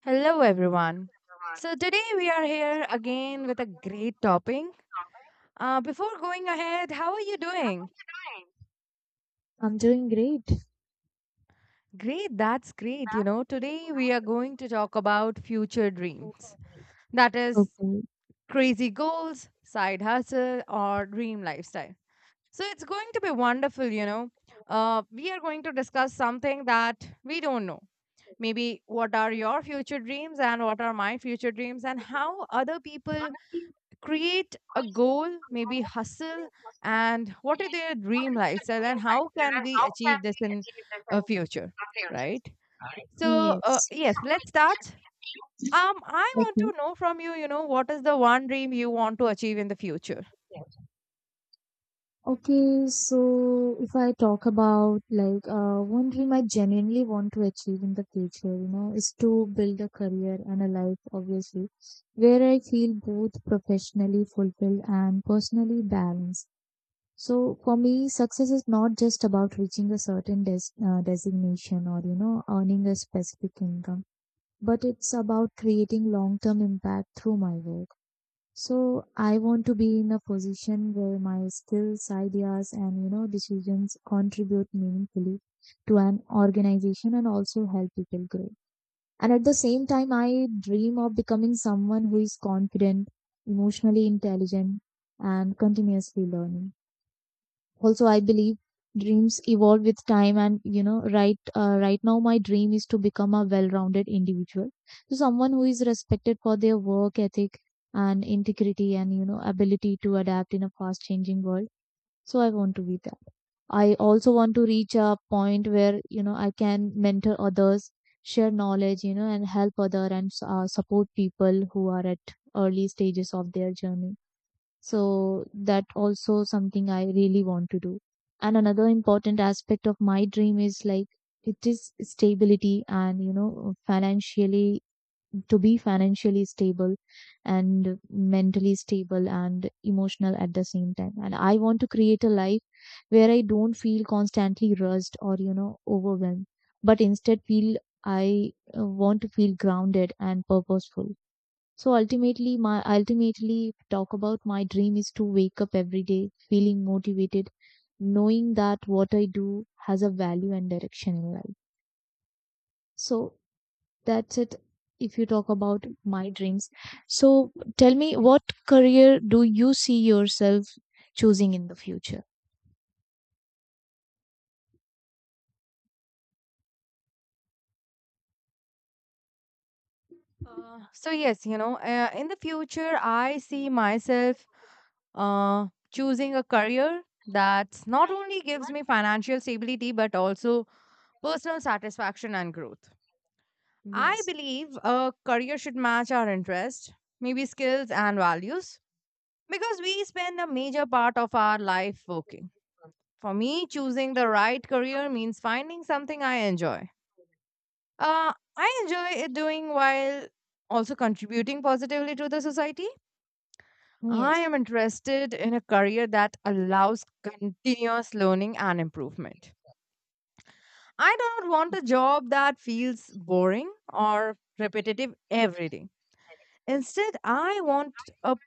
Hello, everyone. So, today we are here again with a great topic. Before going ahead, how are you doing? Great, that's great. You know, today we are going to talk about future dreams, that is, crazy goals, side hustle, or dream lifestyle. So, it's going to be wonderful. We are going to discuss something that we don't know. Maybe what are your future dreams and what are my future dreams, and how other people create a goal, maybe hustle, and what is their dream lifestyle, and how can we achieve this in a future, right? So, yes, let's start. I want to know from you, you know, what is the one dream you want to achieve in the future? So if I talk about one dream I genuinely want to achieve in the future, you know, is to build a career and a life, obviously, where I feel both professionally fulfilled and personally balanced. So for me, success is not just about reaching a certain designation or, you know, earning a specific income, but it's about creating long-term impact through my work. So I want to be in a position where my skills, ideas, and you know decisions contribute meaningfully to an organization and also help people grow. And at the same time, I dream of becoming someone who is confident, emotionally intelligent, and continuously learning. Also, I believe dreams evolve with time, and you know, right now my dream is to become a well-rounded individual, so someone who is respected for their work ethic and integrity and you know ability to adapt in a fast changing world. So I want to be that. I also want to reach a point where you know I can mentor others, share knowledge, you know, and help other and support people who are at early stages of their journey, so that also something I really want to do. And another important aspect of my dream is like it is stability and you know financially, to be financially stable and mentally stable and emotional at the same time. And I want to create a life where I don't feel constantly rushed or you know overwhelmed, but instead feel I want to feel grounded and purposeful. So ultimately, if talk about my dream is to wake up every day feeling motivated, knowing that what I do has a value and direction in life. So that's it. If you talk about my dreams, so tell me what career do you see yourself choosing in the future? So yes, you know, in the future, I see myself uh, choosing a career that not only gives me financial stability but also personal satisfaction and growth. I Yes, believe a career should match our interests, maybe skills and values, because we spend a major part of our life working. For me, choosing the right career means finding something I enjoy. I enjoy it doing while also contributing positively to the society. I yes. am interested in a career that allows continuous learning and improvement. I do not want a job that feels boring or repetitive every day. Instead, I want a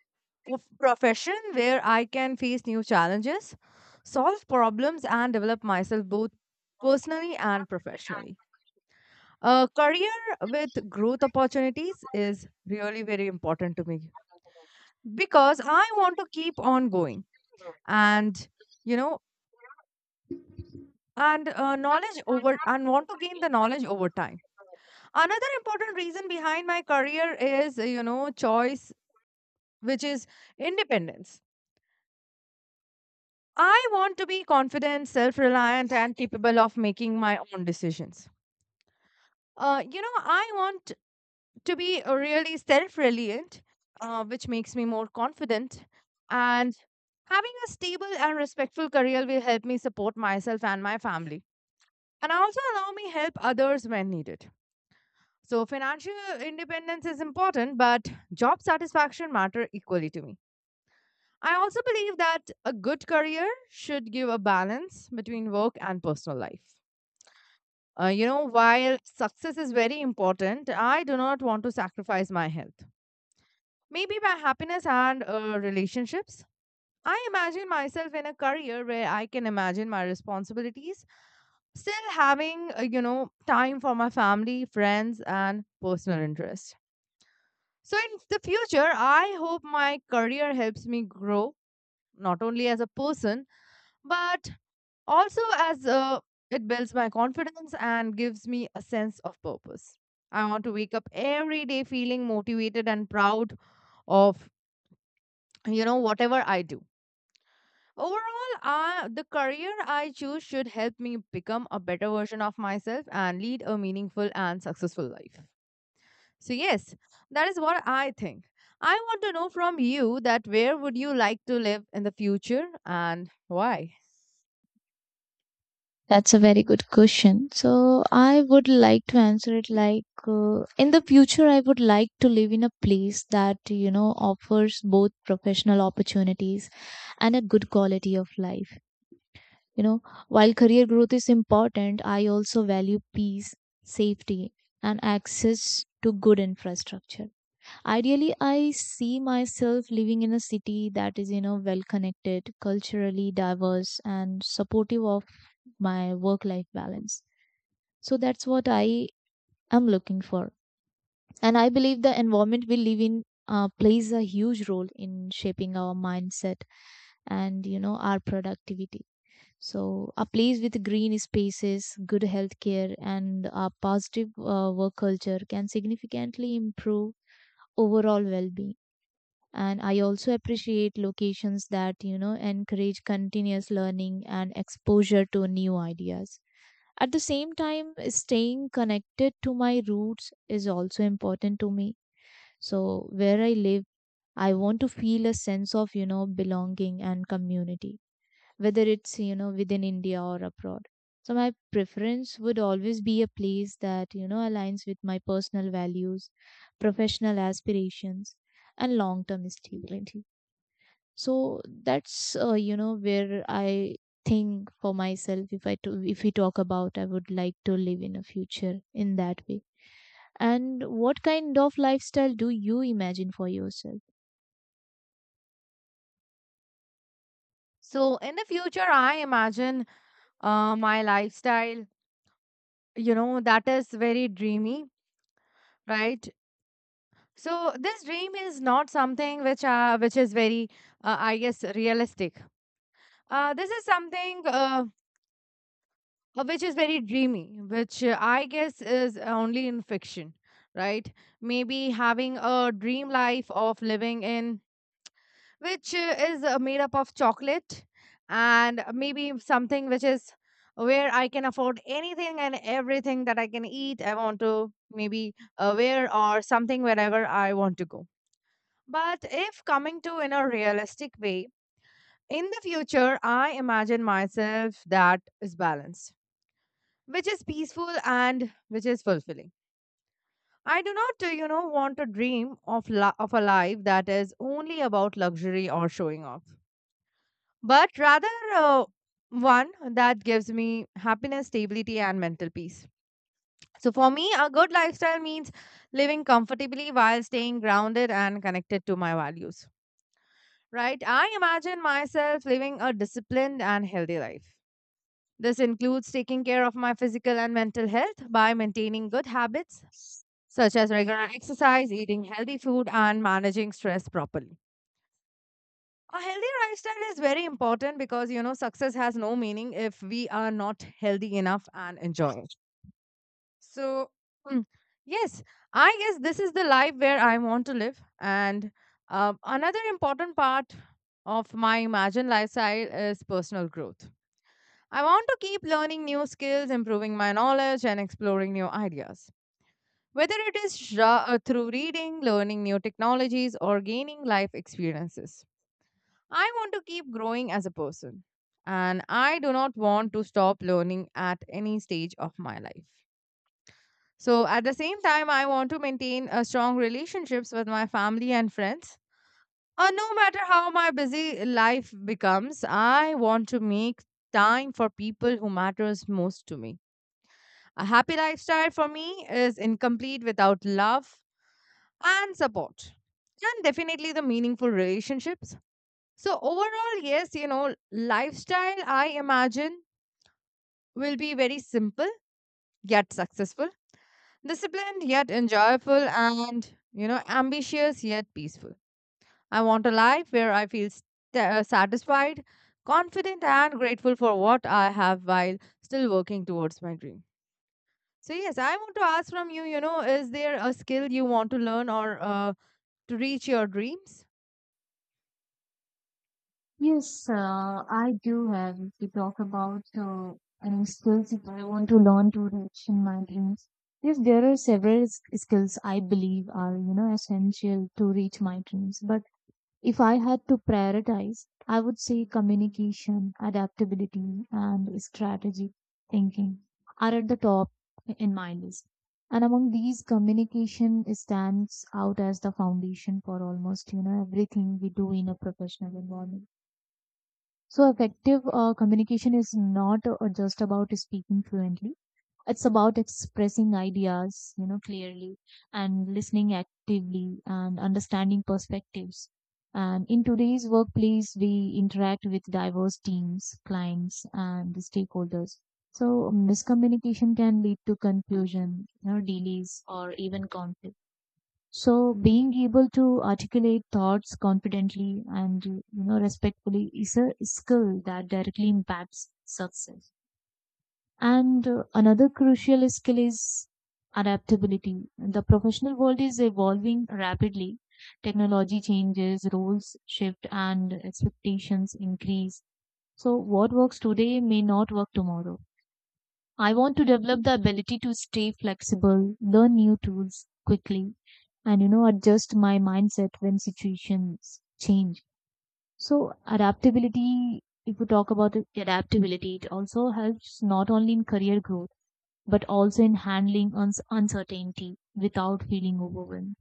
profession where I can face new challenges, solve problems, and develop myself both personally and professionally. A career with growth opportunities is really very important to me because I want to keep on going and, you know, and knowledge over and want to gain the knowledge over time. Another important reason behind my career is, you know, choice, which is independence. I want to be confident, self reliant, and capable of making my own decisions. You know, I want to be really self reliant, which makes me more confident. And having a stable and respectful career will help me support myself and my family, and also allow me help others when needed. So, financial independence is important, but job satisfaction matter equally to me. I also believe that a good career should give a balance between work and personal life. You know, while success is very important, I do not want to sacrifice my health. Maybe my happiness and relationships. I imagine myself in a career where I can imagine my responsibilities, still having, you know, time for my family, friends, and personal interests. So, in the future, I hope my career helps me grow, not only as a person, but also, as it builds my confidence and gives me a sense of purpose. I want to wake up every day feeling motivated and proud of, you know, whatever I do. Overall, the career I choose should help me become a better version of myself and lead a meaningful and successful life. So yes, that is what I think. I want to know from you that where would you like to live in the future and why? That's a very good question. So I would like to answer it like in the future, I would like to live in a place that, you know, offers both professional opportunities and a good quality of life. You know, while career growth is important, I also value peace, safety, and access to good infrastructure. Ideally, I see myself living in a city that is, you know, well connected, culturally diverse, and supportive of my work life balance. So that's what I am looking for. And I believe the environment we live in plays a huge role in shaping our mindset and, you know, our productivity. So a place with green spaces, good healthcare, and a positive work culture can significantly improve overall well being. And I also appreciate locations that you know encourage continuous learning and exposure to new ideas. At the same time, staying connected to my roots is also important to me. So where I live, I want to feel a sense of you know belonging and community, whether it's you know within India or abroad. So my preference would always be a place that you know aligns with my personal values, professional aspirations, and long term stability. So that's you know where I think for myself. If we talk about I would like to live in a future in that way. And what kind of lifestyle do you imagine for yourself? So in the future, I imagine my lifestyle, you know, that is very dreamy, right? So this dream is not something which is very, I guess, realistic. This is something which is very dreamy, which I guess is only in fiction, right? Maybe having a dream life of living in which is made up of chocolate and maybe something which is where I can afford anything and everything that I can eat, I want to maybe wear or something wherever I want to go. But if coming to in a realistic way, in the future, I imagine myself that is balanced, which is peaceful and which is fulfilling. I do not, you know, want to dream of of a life that is only about luxury or showing off, but rather uh, one that gives me happiness, stability, and mental peace. So, for me, a good lifestyle means living comfortably while staying grounded and connected to my values, right? I imagine myself living a disciplined and healthy life. This includes taking care of my physical and mental health by maintaining good habits such as regular exercise, eating healthy food, and managing stress properly. A healthy lifestyle is very important because you know success has no meaning if we are not healthy enough and enjoy it. So mm, yes, I guess this is the life where I want to live. And another important part of my imagined lifestyle is personal growth. I want to keep learning new skills, improving my knowledge, and exploring new ideas, whether it is through reading, learning new technologies, or gaining life experiences. I want to keep growing as a person, and I do not want to stop learning at any stage of my life. So, at the same time, I want to maintain a strong relationships with my family and friends. No matter how my busy life becomes, I want to make time for people who matters most to me. A happy lifestyle for me is incomplete without love and support, and definitely the meaningful relationships. So overall, yes, you know, lifestyle I imagine will be very simple yet successful, disciplined yet enjoyable, and you know, ambitious yet peaceful. I want a life where I feel satisfied, confident, and grateful for what I have while still working towards my dream. So yes, I want to ask from you, you know, is there a skill you want to learn or to reach your dreams? Yes, I do have. If you talk about any skills that I want to learn to reach in my dreams, yes, there are several skills I believe are you know essential to reach my dreams. But if I had to prioritize, I would say communication, adaptability, and strategic thinking are at the top in my list. And among these, communication stands out as the foundation for almost you know everything we do in a professional environment. So effective communication is not just about speaking fluently, it's about expressing ideas, you know, clearly and listening actively and understanding perspectives. And in today's workplace, we interact with diverse teams, clients, and the stakeholders. So miscommunication can lead to confusion, you know, delays, or even conflict. So being able to articulate thoughts confidently and you know respectfully is a skill that directly impacts success. And another crucial skill is adaptability. The professional world is evolving rapidly. Technology changes, roles shift, and expectations increase. So what works today may not work tomorrow. I want to develop the ability to stay flexible, learn new tools quickly, and you know, adjust my mindset when situations change. So, adaptability, if we talk about it, adaptability, it also helps not only in career growth but also in handling uncertainty without feeling overwhelmed.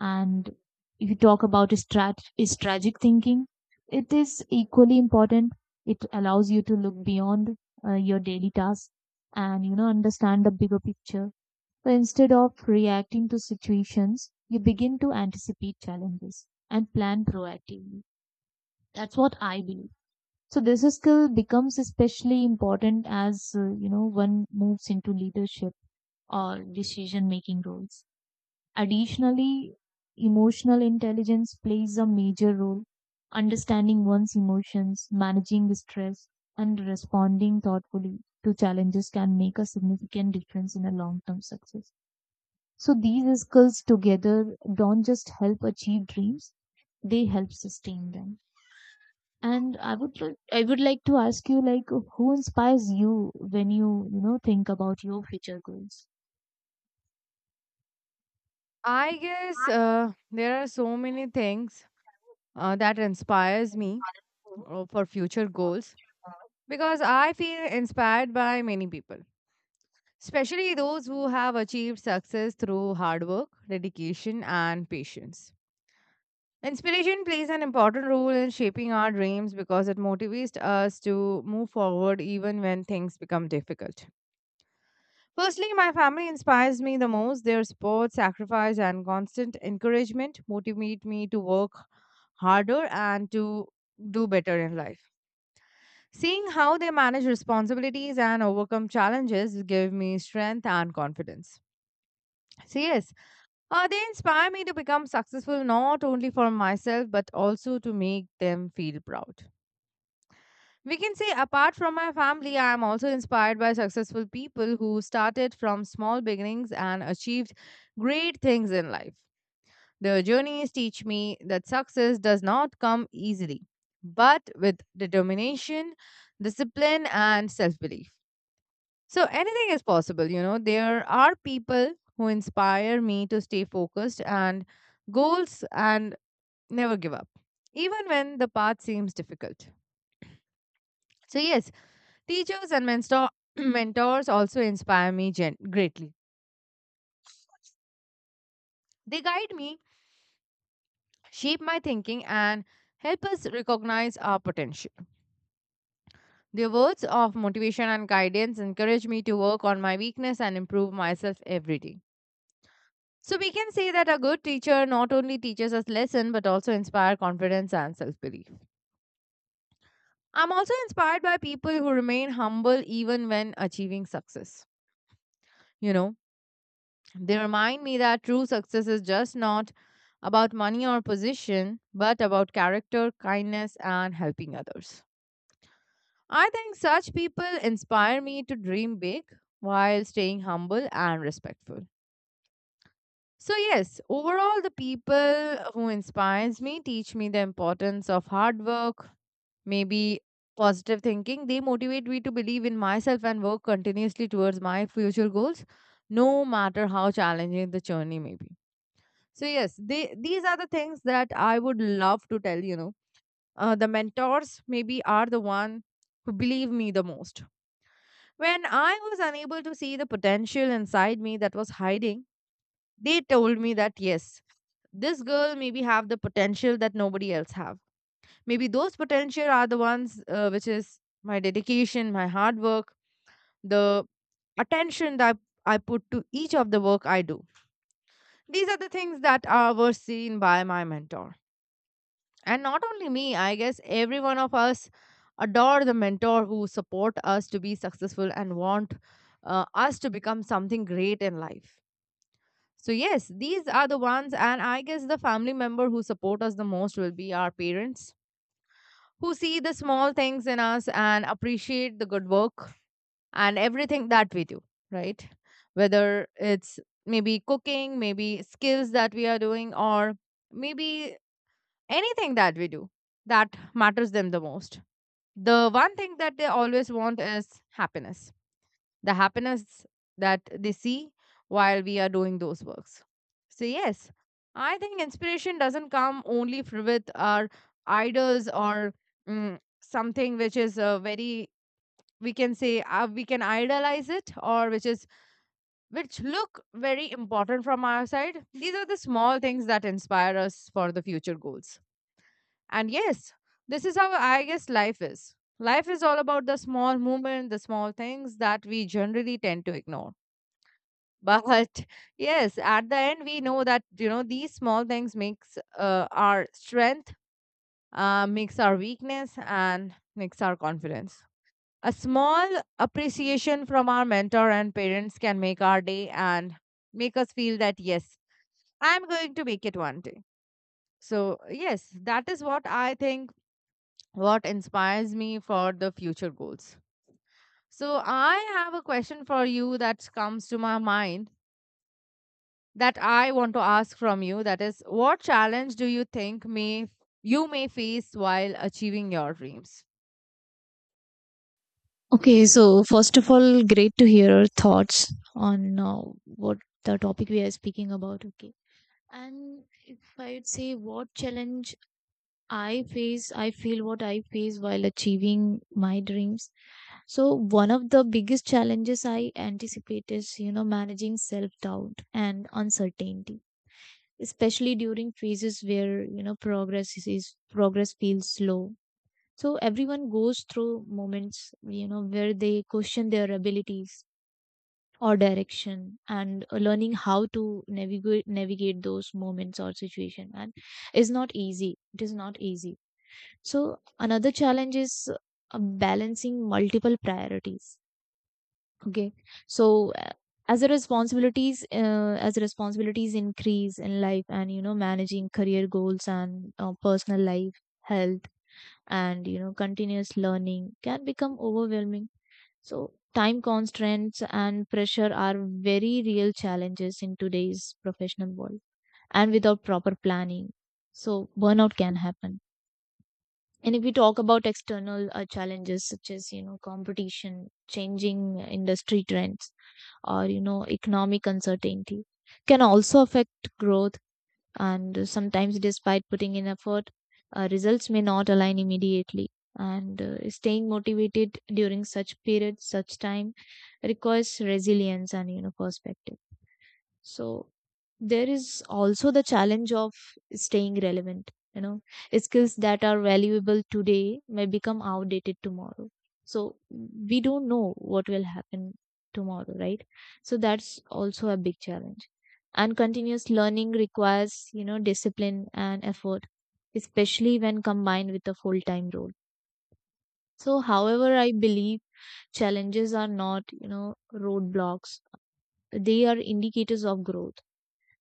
And if you talk about strategic thinking, it is equally important. It allows you to look beyond your daily tasks and you know understand the bigger picture. So instead of reacting to situations, you begin to anticipate challenges and plan proactively. That's what I believe. So this skill becomes especially important as you know one moves into leadership or decision making roles. Additionally, emotional intelligence plays a major role. Understanding one's emotions, managing stress, and responding thoughtfully to challenges can make a significant difference in a long term success. So these skills together don't just help achieve dreams, they help sustain them. And I would like to ask you like who inspires you when you know think about your future goals? I guess there are so many things that inspires me for future goals because I feel inspired by many people, especially those who have achieved success through hard work, dedication, and patience. Inspiration plays an important role in shaping our dreams because it motivates us to move forward even when things become difficult. Firstly, my family inspires me the most. Their support, sacrifice, and constant encouragement motivate me to work harder and to do better in life. Seeing how they manage responsibilities and overcome challenges give me strength and confidence. So yes, they inspire me to become successful not only for myself but also to make them feel proud. We can say, apart from my family, I am also inspired by successful people who started from small beginnings and achieved great things in life. Their journeys teach me that success does not come easily, but with determination, discipline, and self belief. So anything is possible, you know. There are people who inspire me to stay focused and goals and never give up, even when the path seems difficult. So, yes, teachers and mentors also inspire me greatly. They guide me, shape my thinking, and help us recognize our potential. Their words of motivation and guidance encourage me to work on my weakness and improve myself every day. So we can say that a good teacher not only teaches us lesson but also inspire confidence and self-belief. I'm also inspired by people who remain humble even when achieving success. You know, they remind me that true success is just not about money or position, but about character, kindness, and helping others. I think such people inspire me to dream big while staying humble and respectful. So, yes, overall, the people who inspires me teach me the importance of hard work, maybe positive thinking. They motivate me to believe in myself and work continuously towards my future goals, no matter how challenging the journey may be. So, yes, they, these are the things that I would love to tell, you know. The mentors maybe are the one who believe me the most. When I was unable to see the potential inside me that was hiding, they told me that yes, this girl maybe have the potential that nobody else have. Maybe those potential are the ones which is my dedication, my hard work, the attention that I put to each of the work I do. These are the things that are were seen by my mentor. And not only me, I guess every one of us adore the mentor who support us to be successful and want us to become something great in life. So yes, these are the ones, and I guess the family member who support us the most will be our parents, who see the small things in us and appreciate the good work and everything that we do, right? Whether it's maybe cooking, maybe skills that we are doing, or maybe anything that we do that matters them the most. The one thing that they always want is happiness, the happiness that they see while we are doing those works. So, yes, I think inspiration doesn't come only with our idols or something which is very, we can say, we can idolize it, or which is which look very important from our side. These are the small things that inspire us for the future goals. And yes, this is how, I guess, life is. Life is all about the small movement, the small things that we generally tend to ignore. But yes, at the end we know that, these small things makes our strength, makes our weakness, and makes our confidence. A small appreciation from our mentor and parents can make our day and make us feel that yes, I'm going to make it one day. So yes, that is what I think, what inspires me for the future goals. So I have a question for you that comes to my mind, that I want to ask from you, that is, what challenge do you think may you may face while achieving your dreams? Okay, so first of all, great to hear your thoughts on what the topic we are speaking about. Okay. And if I would say what challenge I face, I feel what I face while achieving my dreams. So one of the biggest challenges I anticipate is, you know, managing self doubt and uncertainty, especially during phases where, you know, progress feels slow. So everyone goes through moments, you know, where they question their abilities or direction and learning how to navigate those moments or situation and is not easy. It is not easy. So another challenge is balancing multiple priorities. Okay. So as the responsibilities increase in life and you know managing career goals and personal life health and you know continuous learning can become overwhelming. So time constraints and pressure are very real challenges in today's professional world, and without proper planning, so burnout can happen. And if we talk about external challenges such as you know competition, changing industry trends, or you know economic uncertainty, can also affect growth. And sometimes, despite putting in effort, results may not align immediately. And staying motivated during such periods such time requires resilience and you know perspective. So there is also the challenge of staying relevant. You know, skills that are valuable today may become outdated tomorrow. So we don't know what will happen tomorrow, right? So that's also a big challenge. And continuous learning requires, you know, discipline and effort, especially when combined with a full-time role. So however, I believe challenges are not, you know, roadblocks. They are indicators of growth,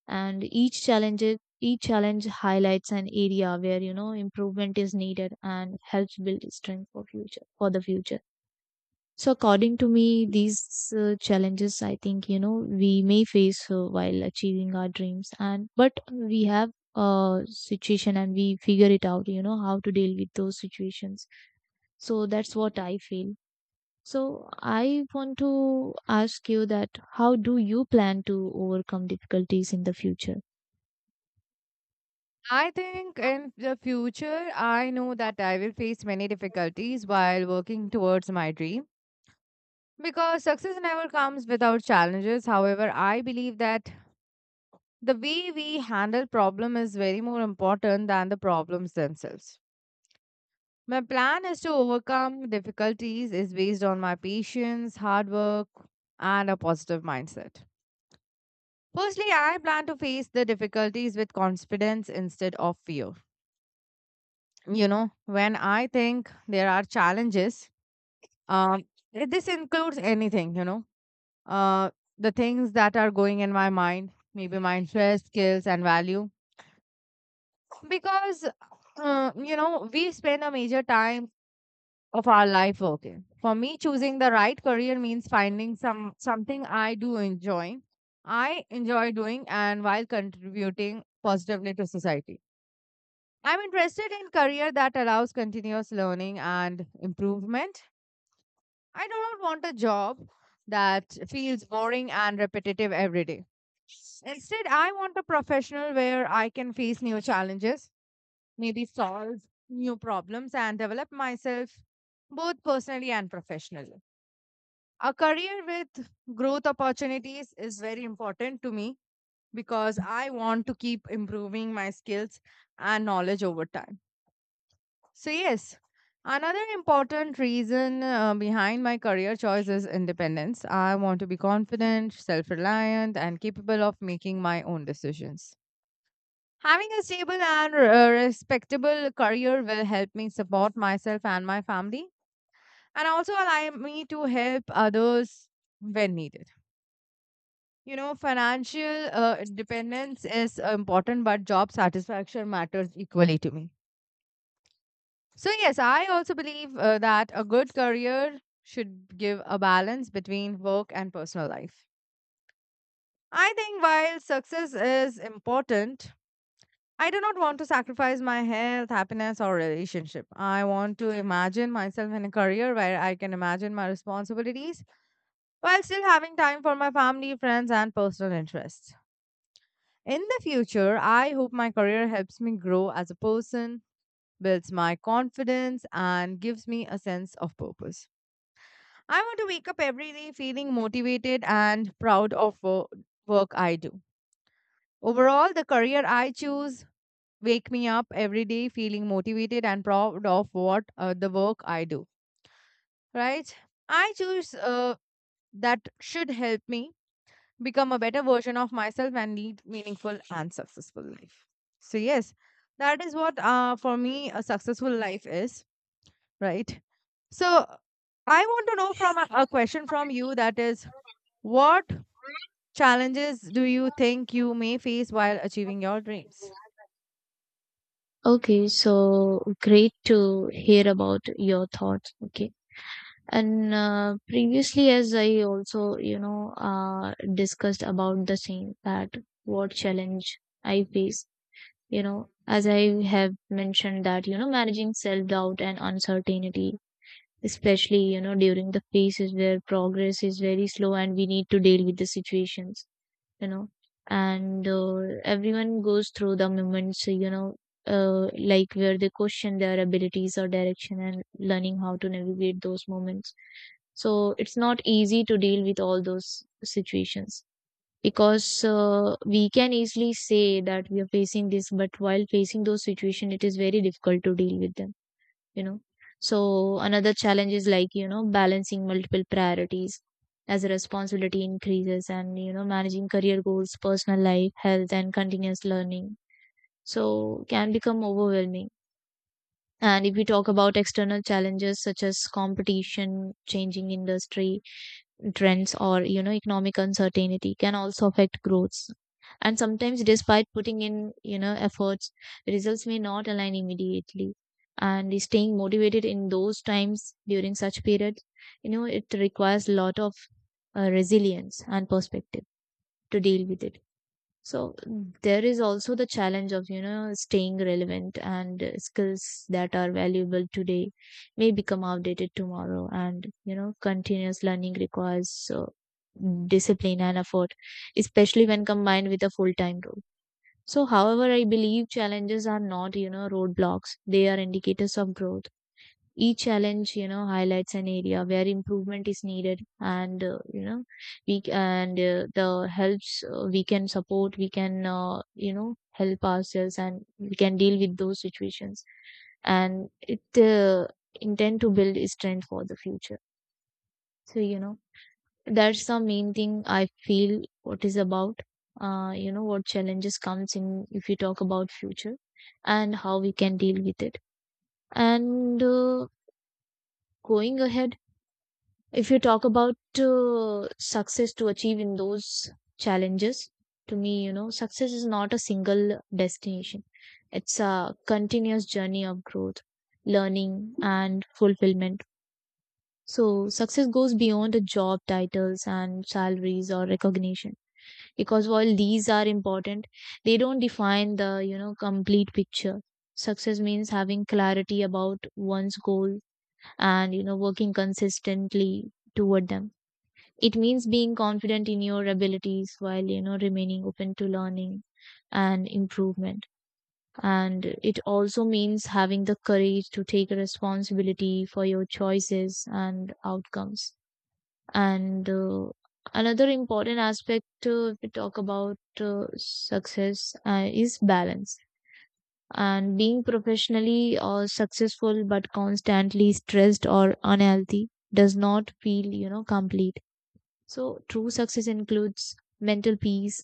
and each challenge highlights an area where you know improvement is needed and helps build strength for the future. So according to me these challenges I think you know we may face while achieving our dreams, and but we have a situation and we figure it out you know how to deal with those situations. So that's what I feel. So I want to ask you that how do you plan to overcome difficulties in the future? I think in the future I know that I will face many difficulties while working towards my dream, because success never comes without challenges. However, I believe that the way we handle problem is very more important than the problems themselves. My plan is to overcome difficulties is based on my patience, hard work, and a positive mindset. Firstly, I plan to face the difficulties with confidence instead of fear. You know, when I think there are challenges, um, this includes anything, you know, uh, the things that are going in my mind, maybe my interest, skills, and value. Because, you know, we spend a major time of our life working. For me, choosing the right career means finding something I do enjoy, I enjoy doing, and while contributing positively to society. I'm interested in career that allows continuous learning and improvement. I do not want a job that feels boring and repetitive every day. Instead, I want a professional where I can face new challenges, maybe solve new problems, and develop myself both personally and professionally. A career with growth opportunities is very important to me, because I want to keep improving my skills and knowledge over time. So, yes, another important reason behind my career choice is independence. I want to be confident, self reliant, and capable of making my own decisions. Having a stable and respectable career will help me support myself and my family, and also allow me to help others when needed. You know, financial independence is important, but job satisfaction matters equally to me. So, yes, I also believe that a good career should give a balance between work and personal life. I think while success is important, I do not want to sacrifice my health, happiness, or relationship. I want to imagine myself in a career where I can imagine my responsibilities while still having time for my family, friends, and personal interests. In the future, I hope my career helps me grow as a person, builds my confidence, and gives me a sense of purpose. I want to wake up every day feeling motivated and proud of work I do. Overall, the career I choose wake me up every day feeling motivated and proud of what the work I do. Right? I choose that should help me become a better version of myself and lead meaningful and successful life. So yes, that is what, for me, a successful life is. Right? So I want to know from a question from you, that is, what challenges do you think you may face while achieving your dreams? Okay, so great to hear about your thoughts. Okay. And previously, as I also, you know, discussed about the same that what challenge I face, you know, as I have mentioned that, you know, managing self-doubt and uncertainty, especially, you know, during the phases where progress is very slow and we need to deal with the situations, you know, and everyone goes through the moments you know like where they question their abilities or direction and learning how to navigate those moments. So it's not easy to deal with all those situations, because we can easily say that we are facing this, but while facing those situations it is very difficult to deal with them, you know. So another challenge is like you know balancing multiple priorities, as responsibility increases and you know managing career goals personal life health and continuous learning, so can become overwhelming. And if we talk about external challenges such as competition, changing industry trends, or you know economic uncertainty, can also affect growth. And sometimes, despite putting in you know efforts, results may not align immediately. And staying motivated in those times during such periods, you know, it requires a lot of resilience and perspective to deal with it. So there is also the challenge of, you know, staying relevant and skills that are valuable today may become outdated tomorrow. And, you know, continuous learning requires discipline and effort, especially when combined with a full-time role. So, however, I believe challenges are not, you know, roadblocks. They are indicators of growth. Each challenge, you know, highlights an area where improvement is needed, and you know, we c- and the helps we can support, we can you know help ourselves, and we can deal with those situations, and it intend to build a strength for the future. So you know, that's the main thing I feel. What is about, you know, what challenges comes in if you talk about future, and how we can deal with it, and. Going ahead, if you talk about success to achieve in those challenges, to me, you know, success is not a single destination. It's a continuous journey of growth, learning, and fulfillment. So success goes beyond the job titles and salaries or recognition, because while these are important, they don't define the, you know, complete picture. Success means having clarity about one's goal and, you know, working consistently toward them. It means being confident in your abilities while, you know, remaining open to learning and improvement. And it also means having the courage to take responsibility for your choices and outcomes. And another important aspect if we talk about success is balance, and being professionally or successful but constantly stressed or unhealthy does not feel you know complete. So true success includes mental peace,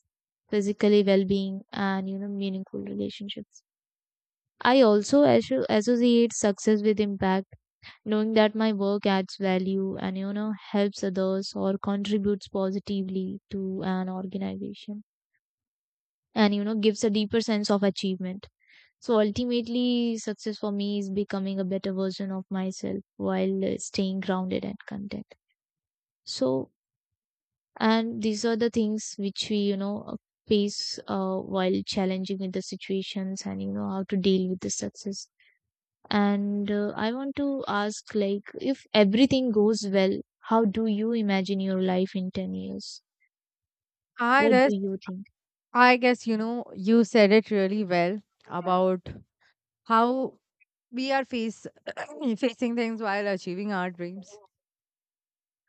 physically well-being, and you know meaningful relationships. I also associate success with impact, knowing that my work adds value and you know helps others or contributes positively to an organization, and you know gives a deeper sense of achievement. So ultimately, success for me is becoming a better version of myself while staying grounded and content. So and these are the things which we you know face while challenging with the situations and you know how to deal with the success. And I want to ask like if everything goes well, how do you imagine your life in 10 years? I What guess, do you think? I guess you know, you said it really well about how we are face facing things while achieving our dreams.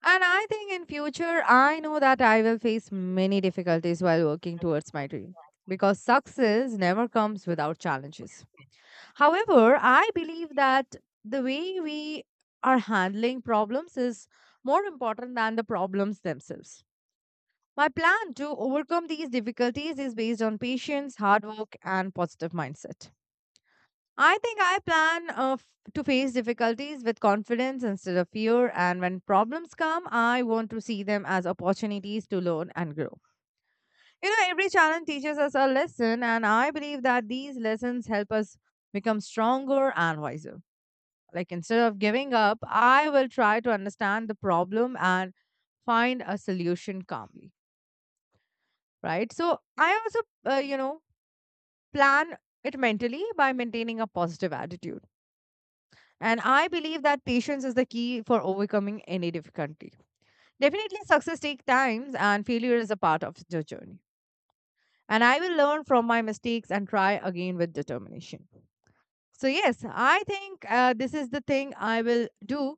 And I think in future I know that I will face many difficulties while working towards my dream, because success never comes without challenges. However, I believe that the way we are handling problems is more important than the problems themselves. My plan to overcome these difficulties is based on patience, hard work, and positive mindset. I think I plan, to face difficulties with confidence instead of fear, and when problems come, I want to see them as opportunities to learn and grow. You know, every challenge teaches us a lesson, and I believe that these lessons help us become stronger and wiser. Like, instead of giving up, I will try to understand the problem and find a solution calmly, right? So, I also, you know, plan it mentally by maintaining a positive attitude. And I believe that patience is the key for overcoming any difficulty. Definitely, success takes time and failure is a part of the journey. And I will learn from my mistakes and try again with determination. So, yes, I think this is the thing I will do.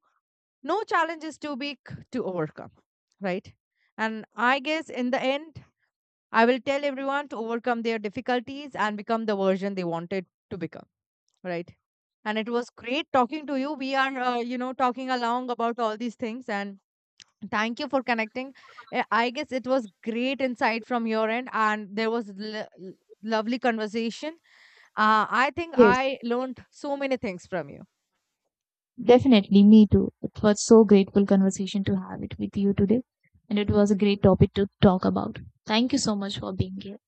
No challenge is too big to overcome, right? And I guess in the end, I will tell everyone to overcome their difficulties and become the version they wanted to become, right? And it was great talking to you. We are, you know, talking along about all these things, and thank you for connecting. I guess it was great insight from your end, and there was lovely conversation. I think I learned so many things from you. Definitely, me too. It was so grateful conversation to have it with you today, and it was a great topic to talk about. Thank you so much for being here.